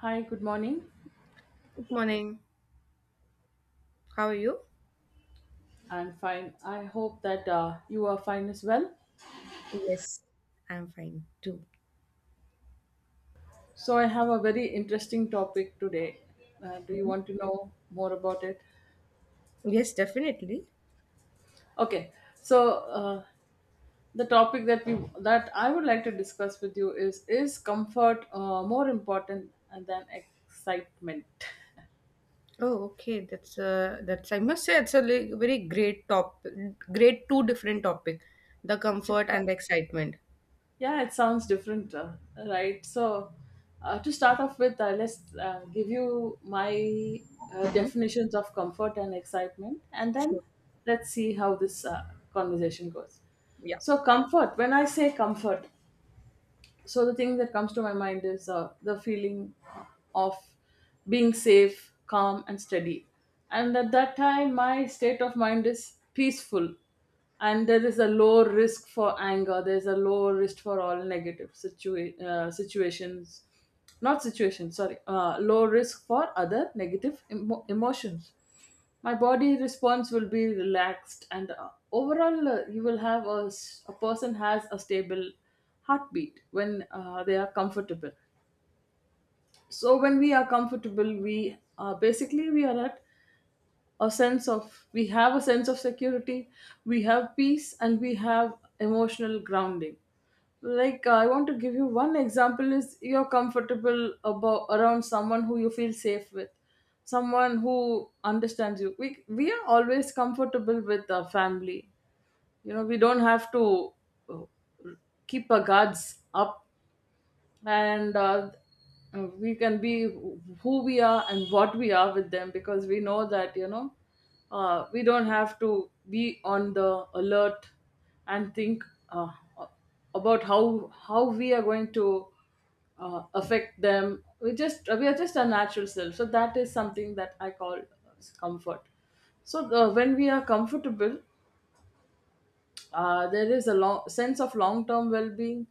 Hi, good morning. Good morning. How are you? I'm fine. I hope that you are fine as well. Yes, I'm fine too. So, I have a very interesting topic today. Do you want to know more about it? Yes, definitely. Okay. So, uh, the topic that we that I would like to discuss with you is, comfort more important than excitement? Oh, okay. That's I must say it's a great two different topic, the It's comfort and the excitement. Yeah, it sounds different, right? So, to start off with, let's give you my Mm-hmm. definitions of comfort and excitement, and Sure. then let's see how this conversation goes. Yeah. So, comfort, when I say comfort, so the thing that comes to my mind is the feeling of being safe, calm and steady, and at that time my state of mind is peaceful, and there is a low risk for anger, there's a low risk for all negative situations. Not situations sorry Low risk for other negative emotions. My body response will be relaxed, and overall you will have a, s- a person has a stable heartbeat when they are comfortable. So when we are comfortable, we are at a sense of we have a sense of security, we have peace, and we have emotional grounding. Like, I want to give you one example is, you're comfortable about around someone who you feel safe with, someone who understands you. We are always comfortable with our family. You know, we don't have to uh, keep our guards up, and we can be who we are and what we are with them, because we know that, you know, we don't have to be on the alert and think uh, about how we are going to affect them. We are just our natural self. So that is something that I call comfort. So when we are comfortable, there is a long sense of long term well being,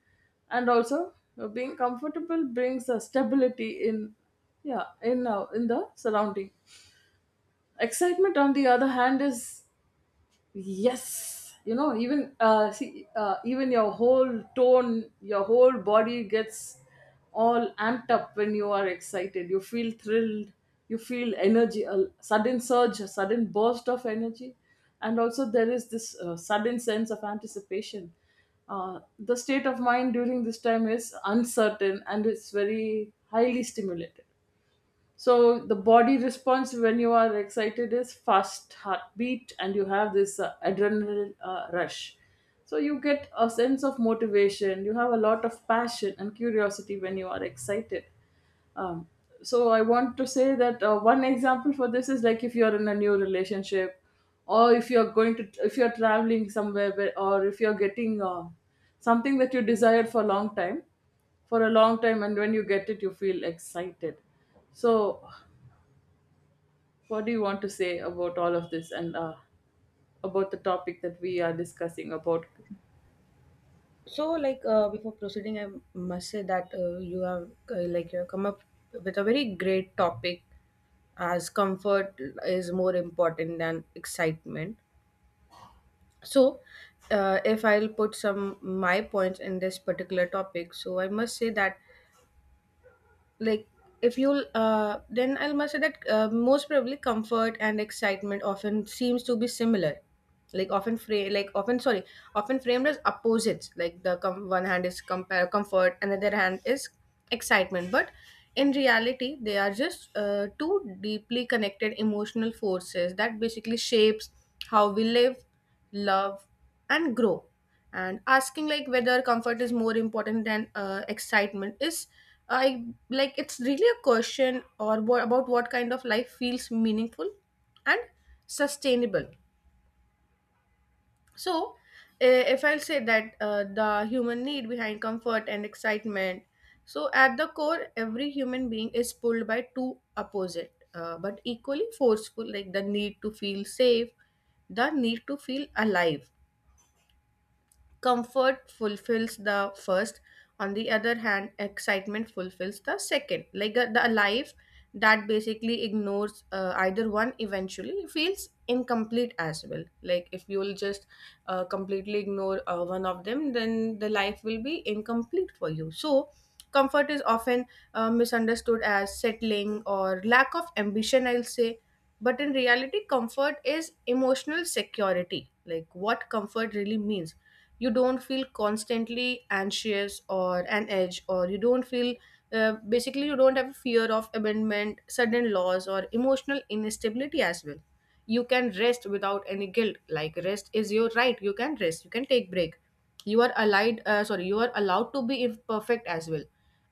and also being comfortable brings a stability in, yeah, in the surrounding. Excitement, on the other hand, is, yes, you know, even your whole tone, your whole body gets all amped up when you are excited. You feel thrilled, you feel energy, a sudden surge, a sudden burst of energy. And also there is this sudden sense of anticipation. The state of mind during this time is uncertain, and it's very highly stimulated. So the body response when you are excited is fast heartbeat, and you have this adrenaline rush. So you get a sense of motivation, you have a lot of passion and curiosity when you are excited. um, so I want to say that one example for this is, like, if you're in a new relationship, or if you're going to if you're traveling somewhere, or if you're getting something that you desired for a long time, and when you get it, you feel excited. So what do you want to say about all of this, and about the topic that we are discussing about? So, like before proceeding, I must say that you have come up with a very great topic, as comfort is more important than excitement. So if I'll put some my points in this particular topic, so I must say that, like, if you'll, then I will must say that most probably comfort and excitement often seems to be similar, like often framed as opposites, like the one hand is compare comfort and the other hand is excitement. But in reality, they are just two deeply connected emotional forces that basically shapes how we live, love, and grow. And asking, like, whether comfort is more important than excitement is I like it's really a question or what, about what kind of life feels meaningful and sustainable. So, if I'll say that the human need behind comfort and excitement, so at the core, every human being is pulled by two opposite, but equally forceful, like the need to feel safe, the need to feel alive. Comfort fulfills the first; on the other hand, excitement fulfills the second. Like, the life that basically ignores either one eventually feels incomplete as well. Like, if you will just completely ignore one of them, then the life will be incomplete for you. So comfort is often misunderstood as settling or lack of ambition, I'll say. But in reality, comfort is emotional security. Like, what comfort really means, you don't feel constantly anxious or an edge, or you don't feel, basically, you don't have a fear of abandonment, sudden loss, or emotional instability as well. You can rest without any guilt, like rest is your right. You can rest, you can take break. You are allowed to be imperfect as well.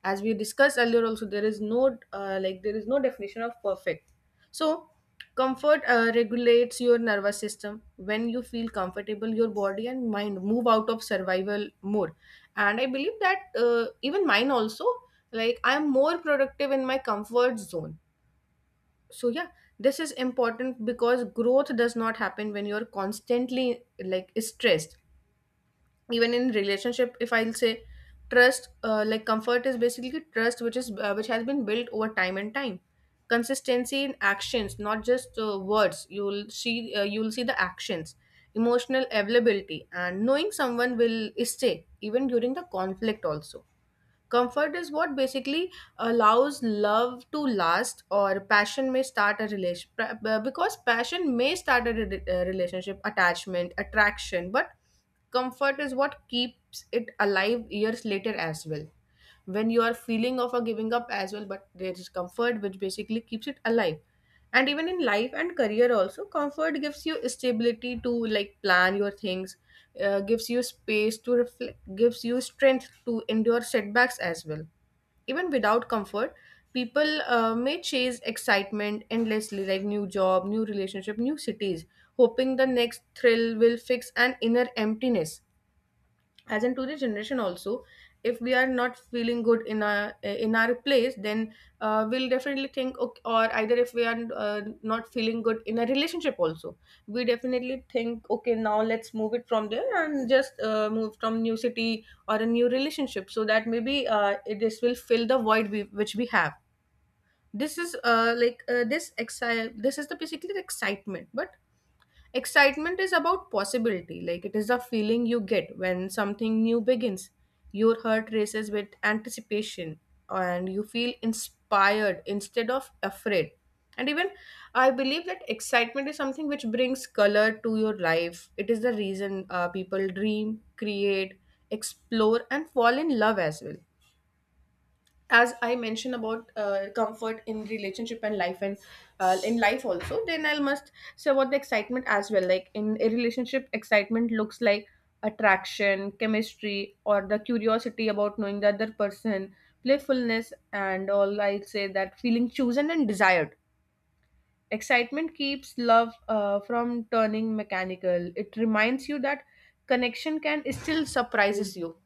As we discussed earlier also, there is no definition of perfect. So, comfort regulates your nervous system. When you feel comfortable, your body and mind move out of survival mode. And I believe that, even mine also, like, I'm more productive in my comfort zone. So, yeah, this is important because growth does not happen when you're constantly, like, stressed. Even in relationship, if I'll say, trust, like, comfort is basically trust which has been built over time and time, consistency in actions, not just words. You'll see the actions, emotional availability, and knowing someone will stay even during the conflict also. Comfort is what basically allows love to last, or passion may start a relation, because passion may start a relationship, attachment, attraction, but comfort is what keeps it alive years later as well. When you are feeling of a giving up as well, but there is comfort which basically keeps it alive. And even in life and career also, comfort gives you stability to, like, plan your things, gives you space to reflect, gives you strength to endure setbacks as well. Even without comfort, people may chase excitement endlessly, like new job, new relationship, new cities, hoping the next thrill will fix an inner emptiness, as in today's generation also. If we are not feeling good in our place, then we'll definitely think, okay, or either, if we are, not feeling good in a relationship also, we definitely think, okay, now let's move it from there and just move from new city or a new relationship, so that maybe, this will fill the void which we have. This is this is the basically the excitement. But excitement is about possibility. Like, it is the feeling you get when something new begins. Your heart races with anticipation and you feel inspired instead of afraid. And even, I believe that excitement is something which brings color to your life. It is the reason people dream, create, explore, and fall in love as well. As I mentioned about comfort in relationship and life, and in life also, then I must say about the excitement as well. Like, in a relationship, excitement looks like attraction, chemistry, or the curiosity about knowing the other person, playfulness, and all. I'd say that feeling chosen and desired, excitement keeps love from turning mechanical. It reminds you that connection can still surprises you.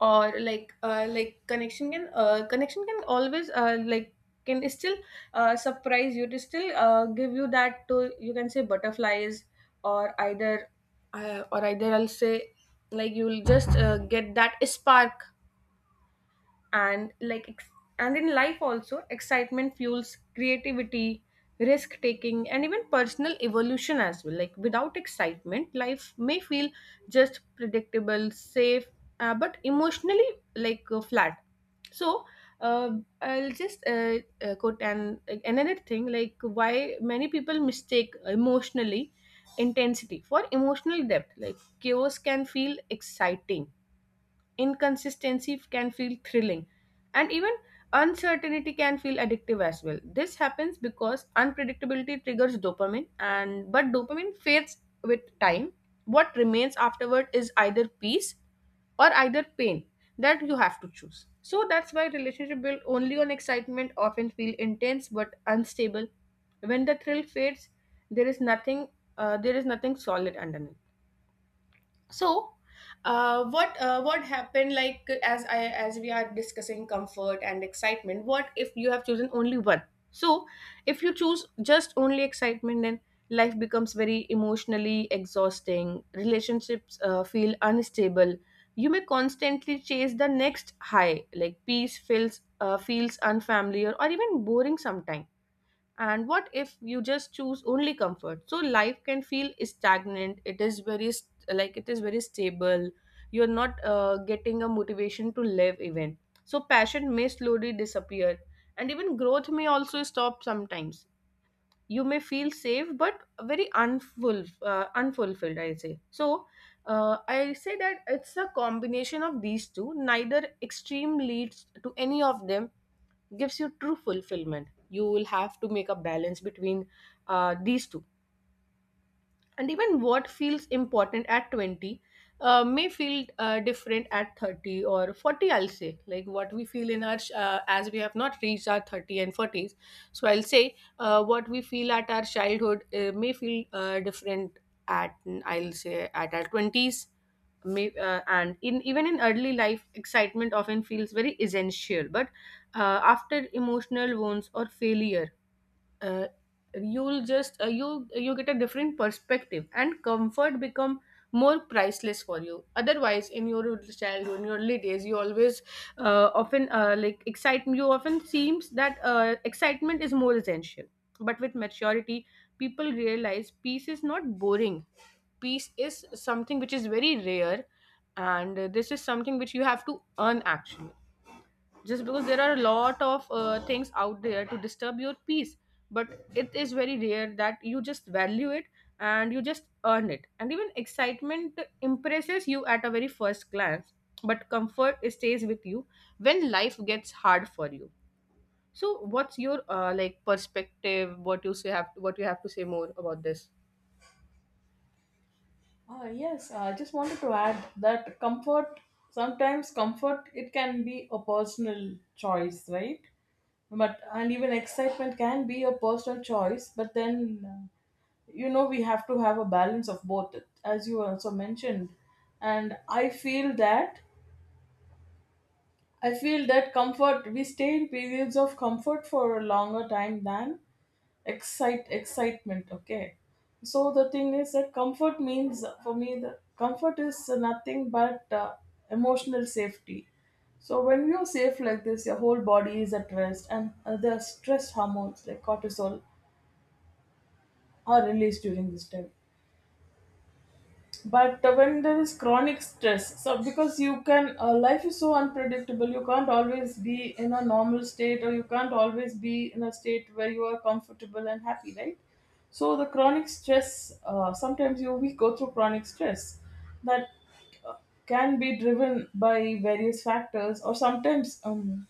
Or, like, connection can, connection can always, can still, surprise you to still, give you that, to, you can say, butterflies. Or either, I'll say, like, you'll just get that spark. And like ex- and in life also, excitement fuels creativity, risk taking, and even personal evolution as well. Like, without excitement, life may feel just predictable, safe, but emotionally, like, flat. So, uh, I'll just quote an like, another thing, like, why many people mistake emotionally intensity for emotional depth. Like, chaos can feel exciting, inconsistency can feel thrilling, and even uncertainty can feel addictive as well. This happens because unpredictability triggers dopamine, and but dopamine fades with time. What remains afterward is either peace or either pain that you have to choose. So that's why relationship built only on excitement often feel intense but unstable. When the thrill fades, there is nothing. There is nothing solid underneath. So, what happened, like, as we are discussing comfort and excitement, what if you have chosen only one? So, if you choose just only excitement, then life becomes very emotionally exhausting, relationships feel unstable. You may constantly chase the next high. Like, peace feels, unfamiliar or even boring sometimes. And what if you just choose only comfort? So life can feel stagnant. It is very stable. You're not getting a motivation to live even. So passion may slowly disappear, and even growth may also stop sometimes. You may feel safe, but very unfulfilled, I say. So, I say that it's a combination of these two. Neither extreme leads to any of them, gives you true fulfillment. You will have to make a balance between these two. And even what feels important at 20 may feel different at 30 or 40, I'll say. Like, what we feel in our as we have not reached our 30 and 40s. So I'll say, what we feel at our childhood may feel different at, I'll say at our 20s. And in even in early life, excitement often feels very essential. But after emotional wounds or failure, uh, you'll just, you get a different perspective, and comfort become more priceless for you. Otherwise, in your childhood, in your early days, you always often like excitement. You often seems that excitement is more essential. But with maturity, people realize peace is not boring. Peace is something which is very rare. And this is something which you have to earn, actually. Just because there are a lot of things out there to disturb your peace, but it is very rare that you just value it and you just earn it. And even excitement impresses you at a very first glance, but comfort stays with you when life gets hard for you. So what's your like, perspective? What you have to say more about this? Yes, I just wanted to add that comfort, sometimes comfort, it can be a personal choice, right? But and even excitement can be a personal choice, but then you know, we have to have a balance of both, as you also mentioned. And I feel that comfort, we stay in periods of comfort for a longer time than excitement. Okay, so the thing is that comfort means for me, the comfort is nothing but emotional safety. So when you're safe like this, your whole body is at rest, and the stress hormones like cortisol are released during this time. But when there is chronic stress, so because you can life is so unpredictable, you can't always be in a normal state, or you can't always be in a state where you are comfortable and happy, right? So the chronic stress, sometimes you we go through chronic stress that uh, can be driven by various factors, or sometimes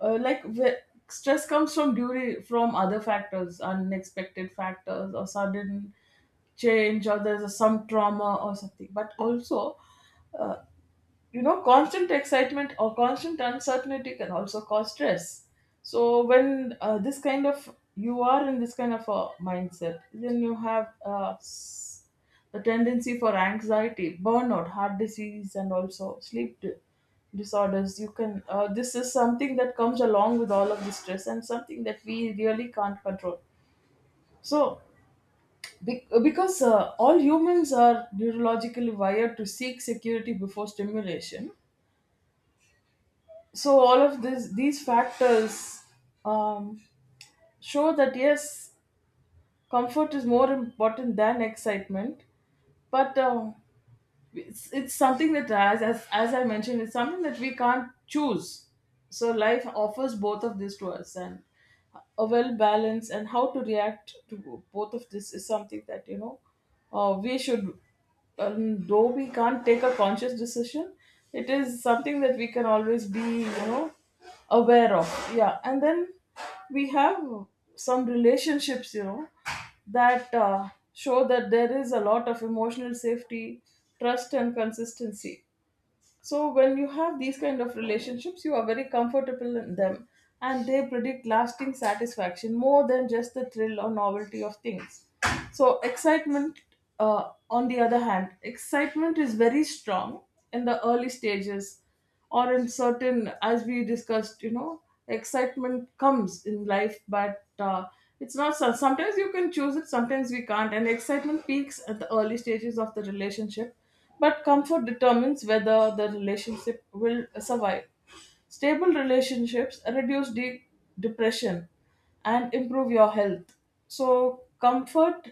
uh, like wh- stress comes from other factors, unexpected factors, or sudden change, or there's some trauma or something. But also uh, you know, constant excitement or constant uncertainty can also cause stress. So when this kind of you are in this kind of a mindset, then you have the tendency for anxiety, burnout, heart disease, and also disorders. You can This is something that comes along with all of the stress, and something that we really can't control. So because all humans are neurologically wired to seek security before stimulation. So all of this these factors um, show that, yes, comfort is more important than excitement. But it's something that, as as I mentioned, it's something that we can't choose. So life offers both of this to us, and a well balance and how to react to both of this is something that, you know, we should, though we can't take a conscious decision, it is something that we can always be, you know, aware of. Yeah, and then we have some relationships, you know, that show that there is a lot of emotional safety, trust and consistency. So when you have these kind of relationships, you are very comfortable in them, and they predict lasting satisfaction more than just the thrill or novelty of things. So excitement, uh, on the other hand, excitement is very strong in the early stages, or in certain, as we discussed, you know, excitement comes in life, but it's not so- sometimes you can choose it, sometimes we can't. And excitement peaks at the early stages of the relationship, but comfort determines whether the relationship will survive. Stable relationships reduce depression, and improve your health. So comfort,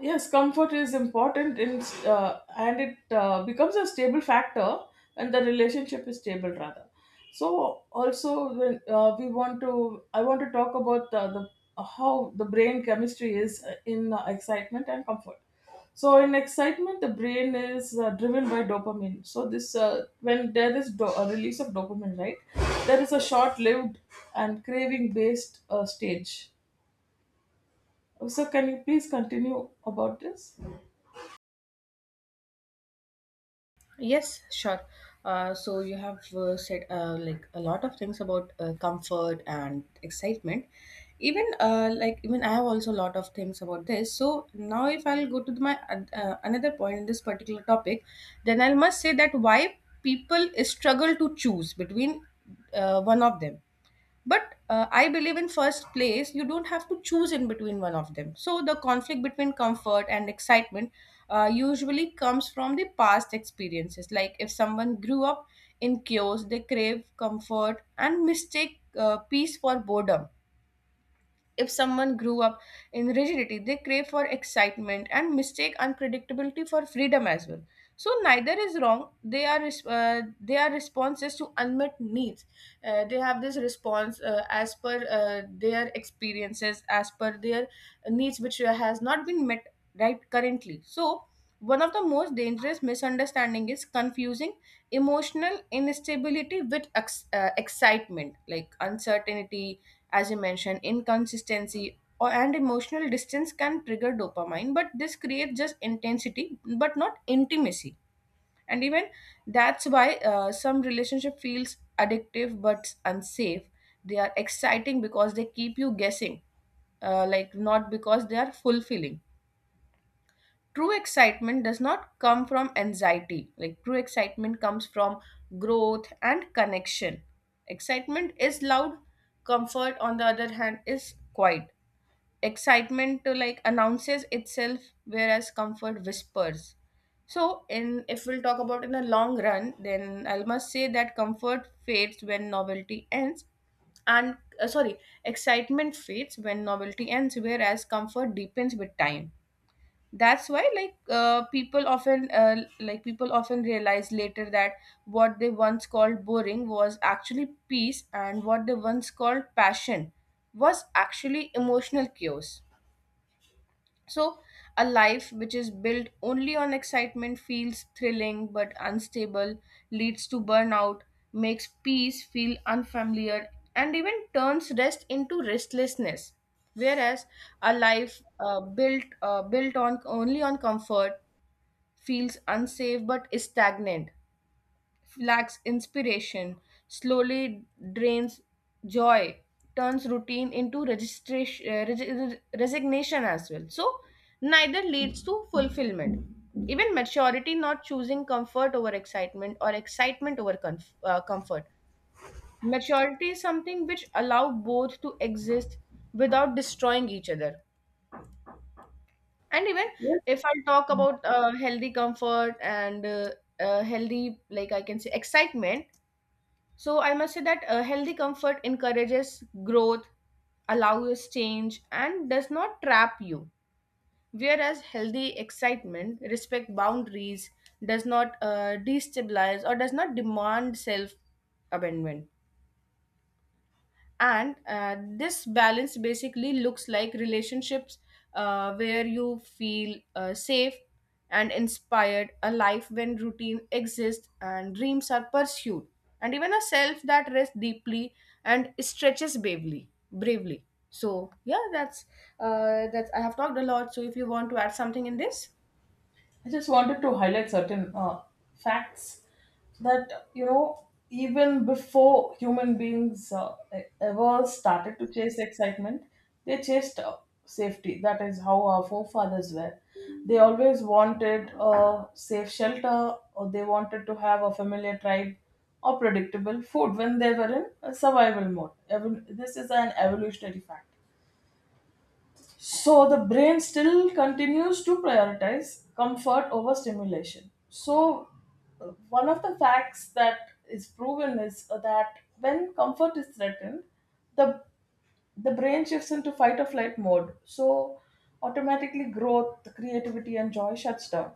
yes, comfort is important and it becomes a stable factor when the relationship is stable rather. So also, when we want to, I want to talk about the how the brain chemistry is in excitement and comfort. So in excitement, the brain is driven by dopamine. So this when there is a release of dopamine, right? There is a short-lived and craving-based stage. So can you please continue about this? Yes, sure. So you have said like a lot of things about comfort and excitement. Even I have also a lot of things about this. So now, if I'll go to my another point in this particular topic, then I must say that why people struggle to choose between one of them. But I believe, in first place, you don't have to choose in between one of them. So the conflict between comfort and excitement usually comes from the past experiences. Like, if someone grew up in chaos, they crave comfort and mistake peace for boredom. If someone grew up in rigidity, they crave for excitement and mistake unpredictability for freedom as well. So neither is wrong. They are responses to unmet needs. They have this response as per their experiences, as per their needs, which has not been met right currently. So one of the most dangerous misunderstanding is confusing emotional instability with excitement, like uncertainty, as you mentioned, inconsistency, or and emotional distance can trigger dopamine, but this creates just intensity, but not intimacy. And even that's why some relationship feels addictive but unsafe. They are exciting because they keep you guessing, like not because they are fulfilling. True excitement does not come from anxiety, like true excitement comes from growth and connection. Excitement is loud, comfort on the other hand is quiet. Excitement to like announces itself, whereas comfort whispers. So in if we'll talk about in the long run, then I must say that comfort fades when novelty ends, and sorry, excitement fades when novelty ends, whereas comfort deepens with time. That's why like people often realize later that what they once called boring was actually peace, and what they once called passion was actually emotional chaos. So, a life which is built only on excitement feels thrilling but unstable, leads to burnout, makes peace feel unfamiliar, and even turns rest into restlessness. Whereas a life built on only on comfort feels unsafe but is stagnant, lacks inspiration, slowly drains joy, turns routine into registration, resignation as well. So, neither leads to fulfillment. Even maturity not choosing comfort over excitement or excitement over comfort. Maturity is something which allow both to exist without destroying each other. And even if I talk about healthy comfort and healthy, like I can say, excitement, so I must say that healthy comfort encourages growth, allows change, and does not trap you. Whereas healthy excitement respect boundaries, does not destabilize, or does not demand self abandonment. And this balance basically looks like relationships where you feel safe and inspired, a life when routine exists and dreams are pursued, and even a self that rests deeply and stretches bravely. So yeah, that's that's, I have talked a lot, so if you want to add something in this. I just wanted to highlight certain facts that, you know, even before human beings ever started to chase excitement, they chased safety. That is how our forefathers were. They always wanted a safe shelter, or they wanted to have a familiar tribe, or predictable food when they were in a survival mode. Even this is an evolutionary fact. So the brain still continues to prioritize comfort over stimulation. So one of the facts that is proven is that when comfort is threatened, the the brain shifts into fight or flight mode. So automatically growth, creativity and joy shuts down.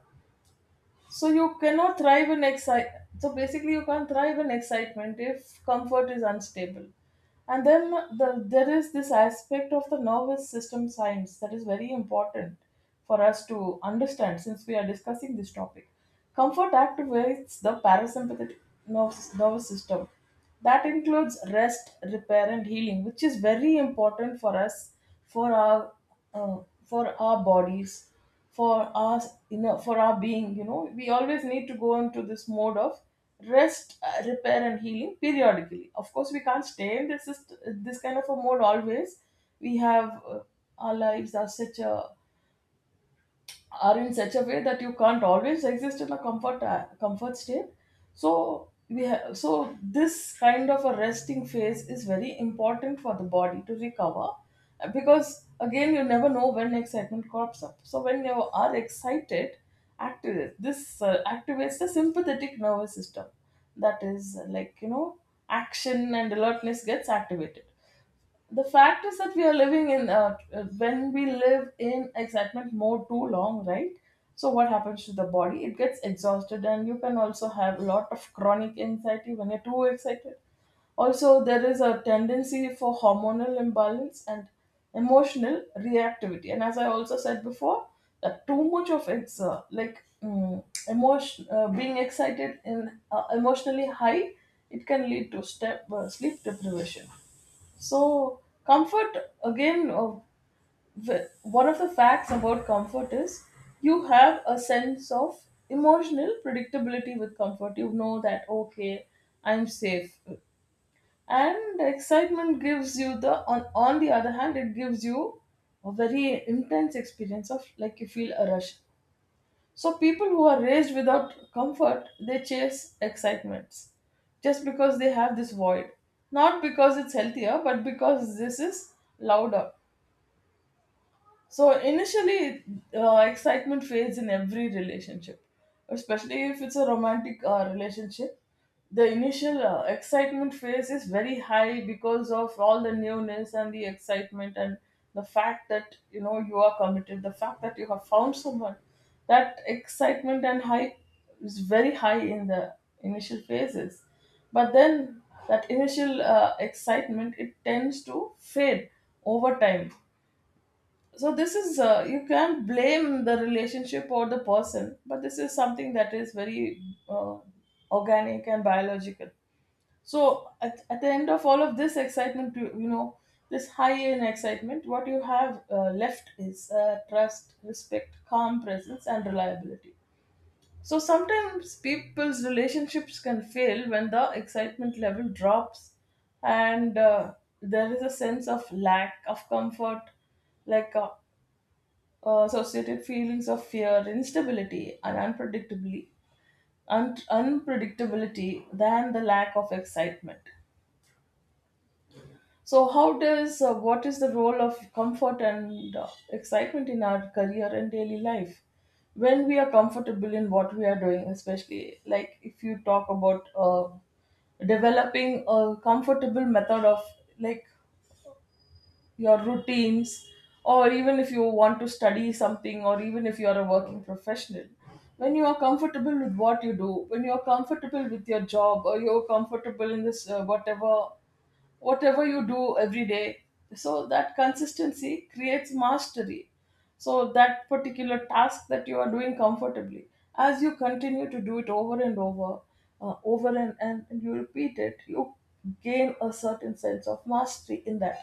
So you cannot thrive in excite. So basically, you can't thrive in excitement if comfort is unstable. And then there is this aspect of the nervous system science that is very important for us to understand, since we are discussing this topic. Comfort activates the parasympathetic nervous system. That includes rest, repair, and healing, which is very important for us, for our, uh, for our bodies, for us, you know, for our being. You know, we always need to go into this mode of rest, repair and healing periodically. Of course, we can't stay in this this kind of a mode always. We have Our lives are such a are in such a way that you can't always exist in a comfort state. So we have So this kind of a resting phase is very important for the body to recover, because, again, you never know when excitement crops up. So when you are excited, activates the sympathetic nervous system. That is, like, you know, action and alertness gets activated. The fact is that we are living in, when we live in excitement mode too long, right? So what happens to the body, it gets exhausted, and you can also have a lot of chronic anxiety when you're too excited. Also there is a tendency for hormonal imbalance and emotional reactivity. And as I also said before, that too much of it's like mm, emotion being excited in, emotionally high, it can lead to step sleep deprivation. So, comfort again, one of the facts about comfort is, you have a sense of emotional predictability with comfort. You know that, okay, I'm safe. And excitement gives you the, on the other hand, it gives you a very intense experience of, like, you feel a rush. So people who are raised without comfort, they chase excitements just because they have this void. Not because it's healthier, but because this is louder. So initially, excitement fades in every relationship, especially if it's a romantic relationship. The initial excitement phase is very high because of all the newness and the excitement, and the fact that you know you are committed, the fact that you have found someone. That excitement and hype is very high in the initial phases, but then that initial excitement, it tends to fade over time. So this is you can't blame the relationship or the person, but this is something that is very uh, organic and biological. So at the end of all of this excitement, you know, this high in excitement, what you have left is trust, respect, calm presence, and reliability. So sometimes people's relationships can fail when the excitement level drops, and there is a sense of lack of comfort, like associated feelings of fear, instability, and unpredictably, unpredictability, than the lack of excitement. So, how does what is the role of comfort and excitement in our career and daily life? When we are comfortable in what we are doing, especially like if you talk about developing a comfortable method of, like, your routines, or even if you want to study something, or even if you are a working professional, when you are comfortable with what you do, when you are comfortable with your job, or you're comfortable in this whatever, whatever you do every day. So that consistency creates mastery. So that particular task that you are doing comfortably, as you continue to do it over and over, over and you repeat it, you gain a certain sense of mastery in that.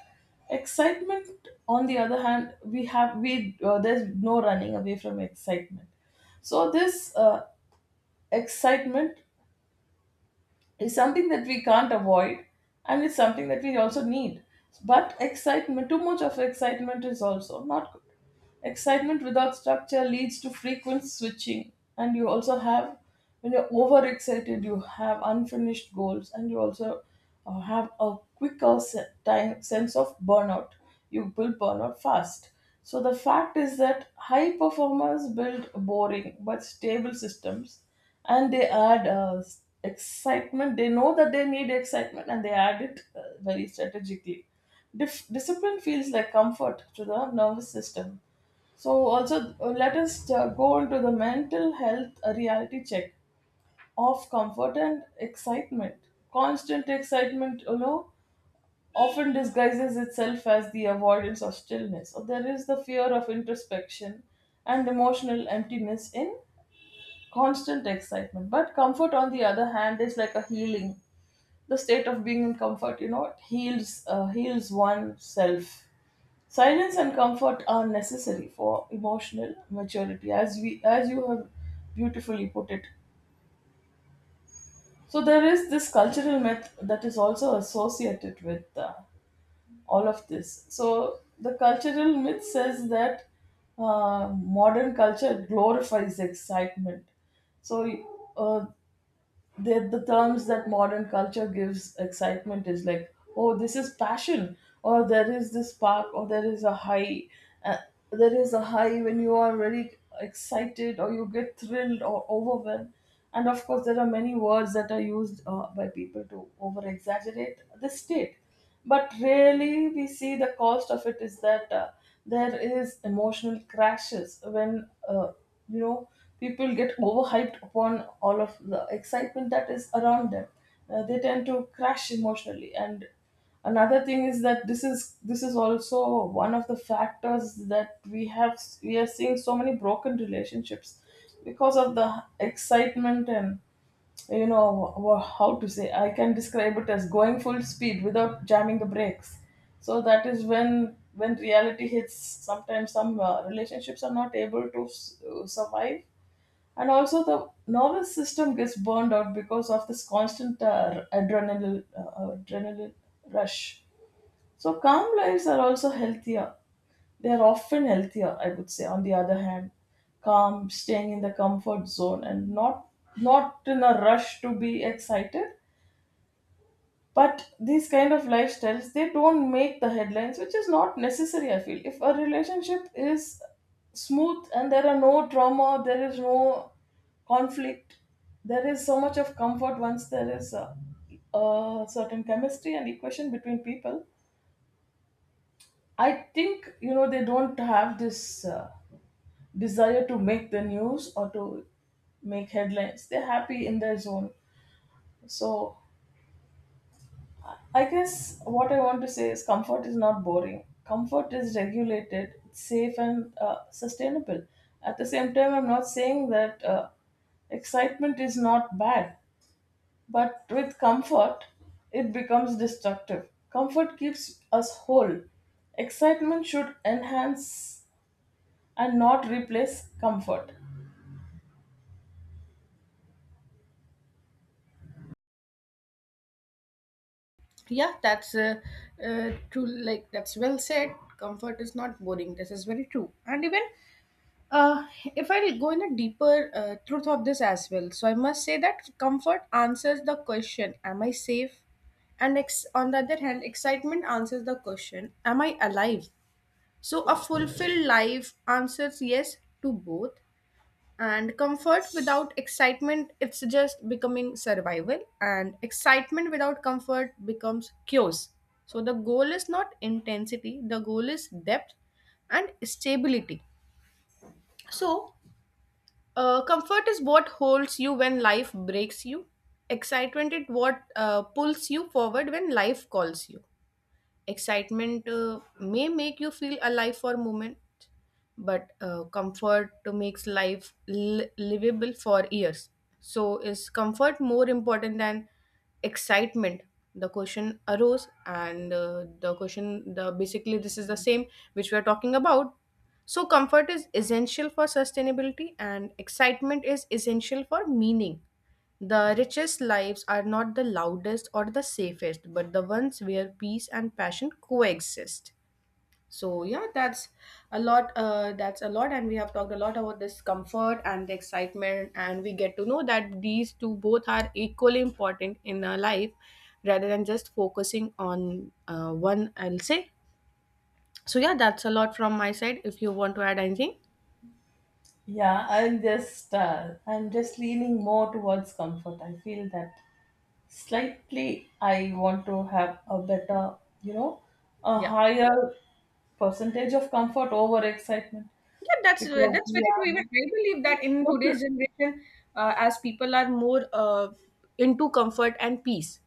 Excitement, on the other hand, we there's no running away from excitement. So this excitement is something that we can't avoid, and it's something that we also need, but excitement, too much of excitement is also not good. Excitement without structure leads to frequent switching, and you also have, when you're overexcited you have unfinished goals, and you also have a quicker time, sense of burnout. You will burn out fast. So the fact is that high performers build boring but stable systems, and they add excitement. They know that they need excitement and they add it very strategically. Discipline feels like comfort to the nervous system. So, also, let us go into the mental health reality check of comfort and excitement. Constant excitement, you know, often disguises itself as the avoidance of stillness. So, there is the fear of introspection and emotional emptiness in constant excitement. But comfort, on the other hand, is like a healing. The state of being in comfort, you know, it heals heals oneself. Silence and comfort are necessary for emotional maturity, as we as you have beautifully put it. So there is this cultural myth that is also associated with all of this. So the cultural myth says that modern culture glorifies excitement. So the terms that modern culture gives excitement is like, oh, this is passion, or there is this spark, or there is a high, uh, there is a high when you are very excited, or you get thrilled or overwhelmed. And of course there are many words that are used by people to over exaggerate the state. But really we see the cost of it is that there is emotional crashes when, you know, people get overhyped upon all of the excitement that is around them. They tend to crash emotionally. And another thing is that this is also one of the factors that we are seeing, so many broken relationships because of the excitement. And you know, how to say, I can describe it as going full speed without jamming the brakes. So that is when reality hits, sometimes some relationships are not able to survive. And also the nervous system gets burned out because of this constant adrenaline, adrenaline rush. So calm lives are also healthier. They are often healthier, I would say. On the other hand, calm, staying in the comfort zone, and not in a rush to be excited. But these kind of lifestyles, they don't make the headlines, which is not necessary. I feel if a relationship is smooth and there are no trauma, there is no conflict, there is so much of comfort once there is a certain chemistry and equation between people. I think, you know, they don't have this desire to make the news or to make headlines. They're happy in their zone. So I guess what I want to say is, comfort is not boring. Comfort is regulated, safe, and sustainable. At the same time, I'm not saying that excitement is not bad, but with comfort, it becomes destructive. Comfort keeps us whole. Excitement should enhance and not replace comfort. Yeah, that's true, like that's well said, comfort is not boring, this is very true. And even Uh, if I go in a deeper truth of this as well, so I must say that comfort answers the question, am I safe? And on the other hand, excitement answers the question, am I alive? So a fulfilled life answers yes to both. And comfort without excitement, it's just becoming survival, and excitement without comfort becomes chaos. So the goal is not intensity, the goal is depth and stability. So comfort is what holds you when life breaks you. Excitement is what pulls you forward when life calls you. Excitement may make you feel alive for a moment, but comfort makes life livable for years. So, is comfort more important than excitement? The question arose, and the question, the basically, this is the same which we are talking about. So, comfort is essential for sustainability, and excitement is essential for meaning. The richest lives are not the loudest or the safest, but the ones where peace and passion coexist. So yeah, that's a lot. That's a lot, and we have talked a lot about this comfort and the excitement, and we get to know that these two both are equally important in our life, rather than just focusing on one, I'll say. So yeah, that's a lot from my side. If you want to add anything, Yeah, I'm just leaning more towards comfort. I feel that slightly I want to have a better, you know, a yeah. higher percentage of comfort over excitement Yeah, that's because, very true. Even yeah, I believe that in okay. today's generation, as people are more into comfort and peace,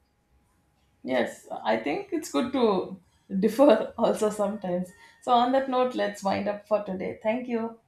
Yes, I think it's good to differ also sometimes. So on that note, let's wind up for today. Thank you.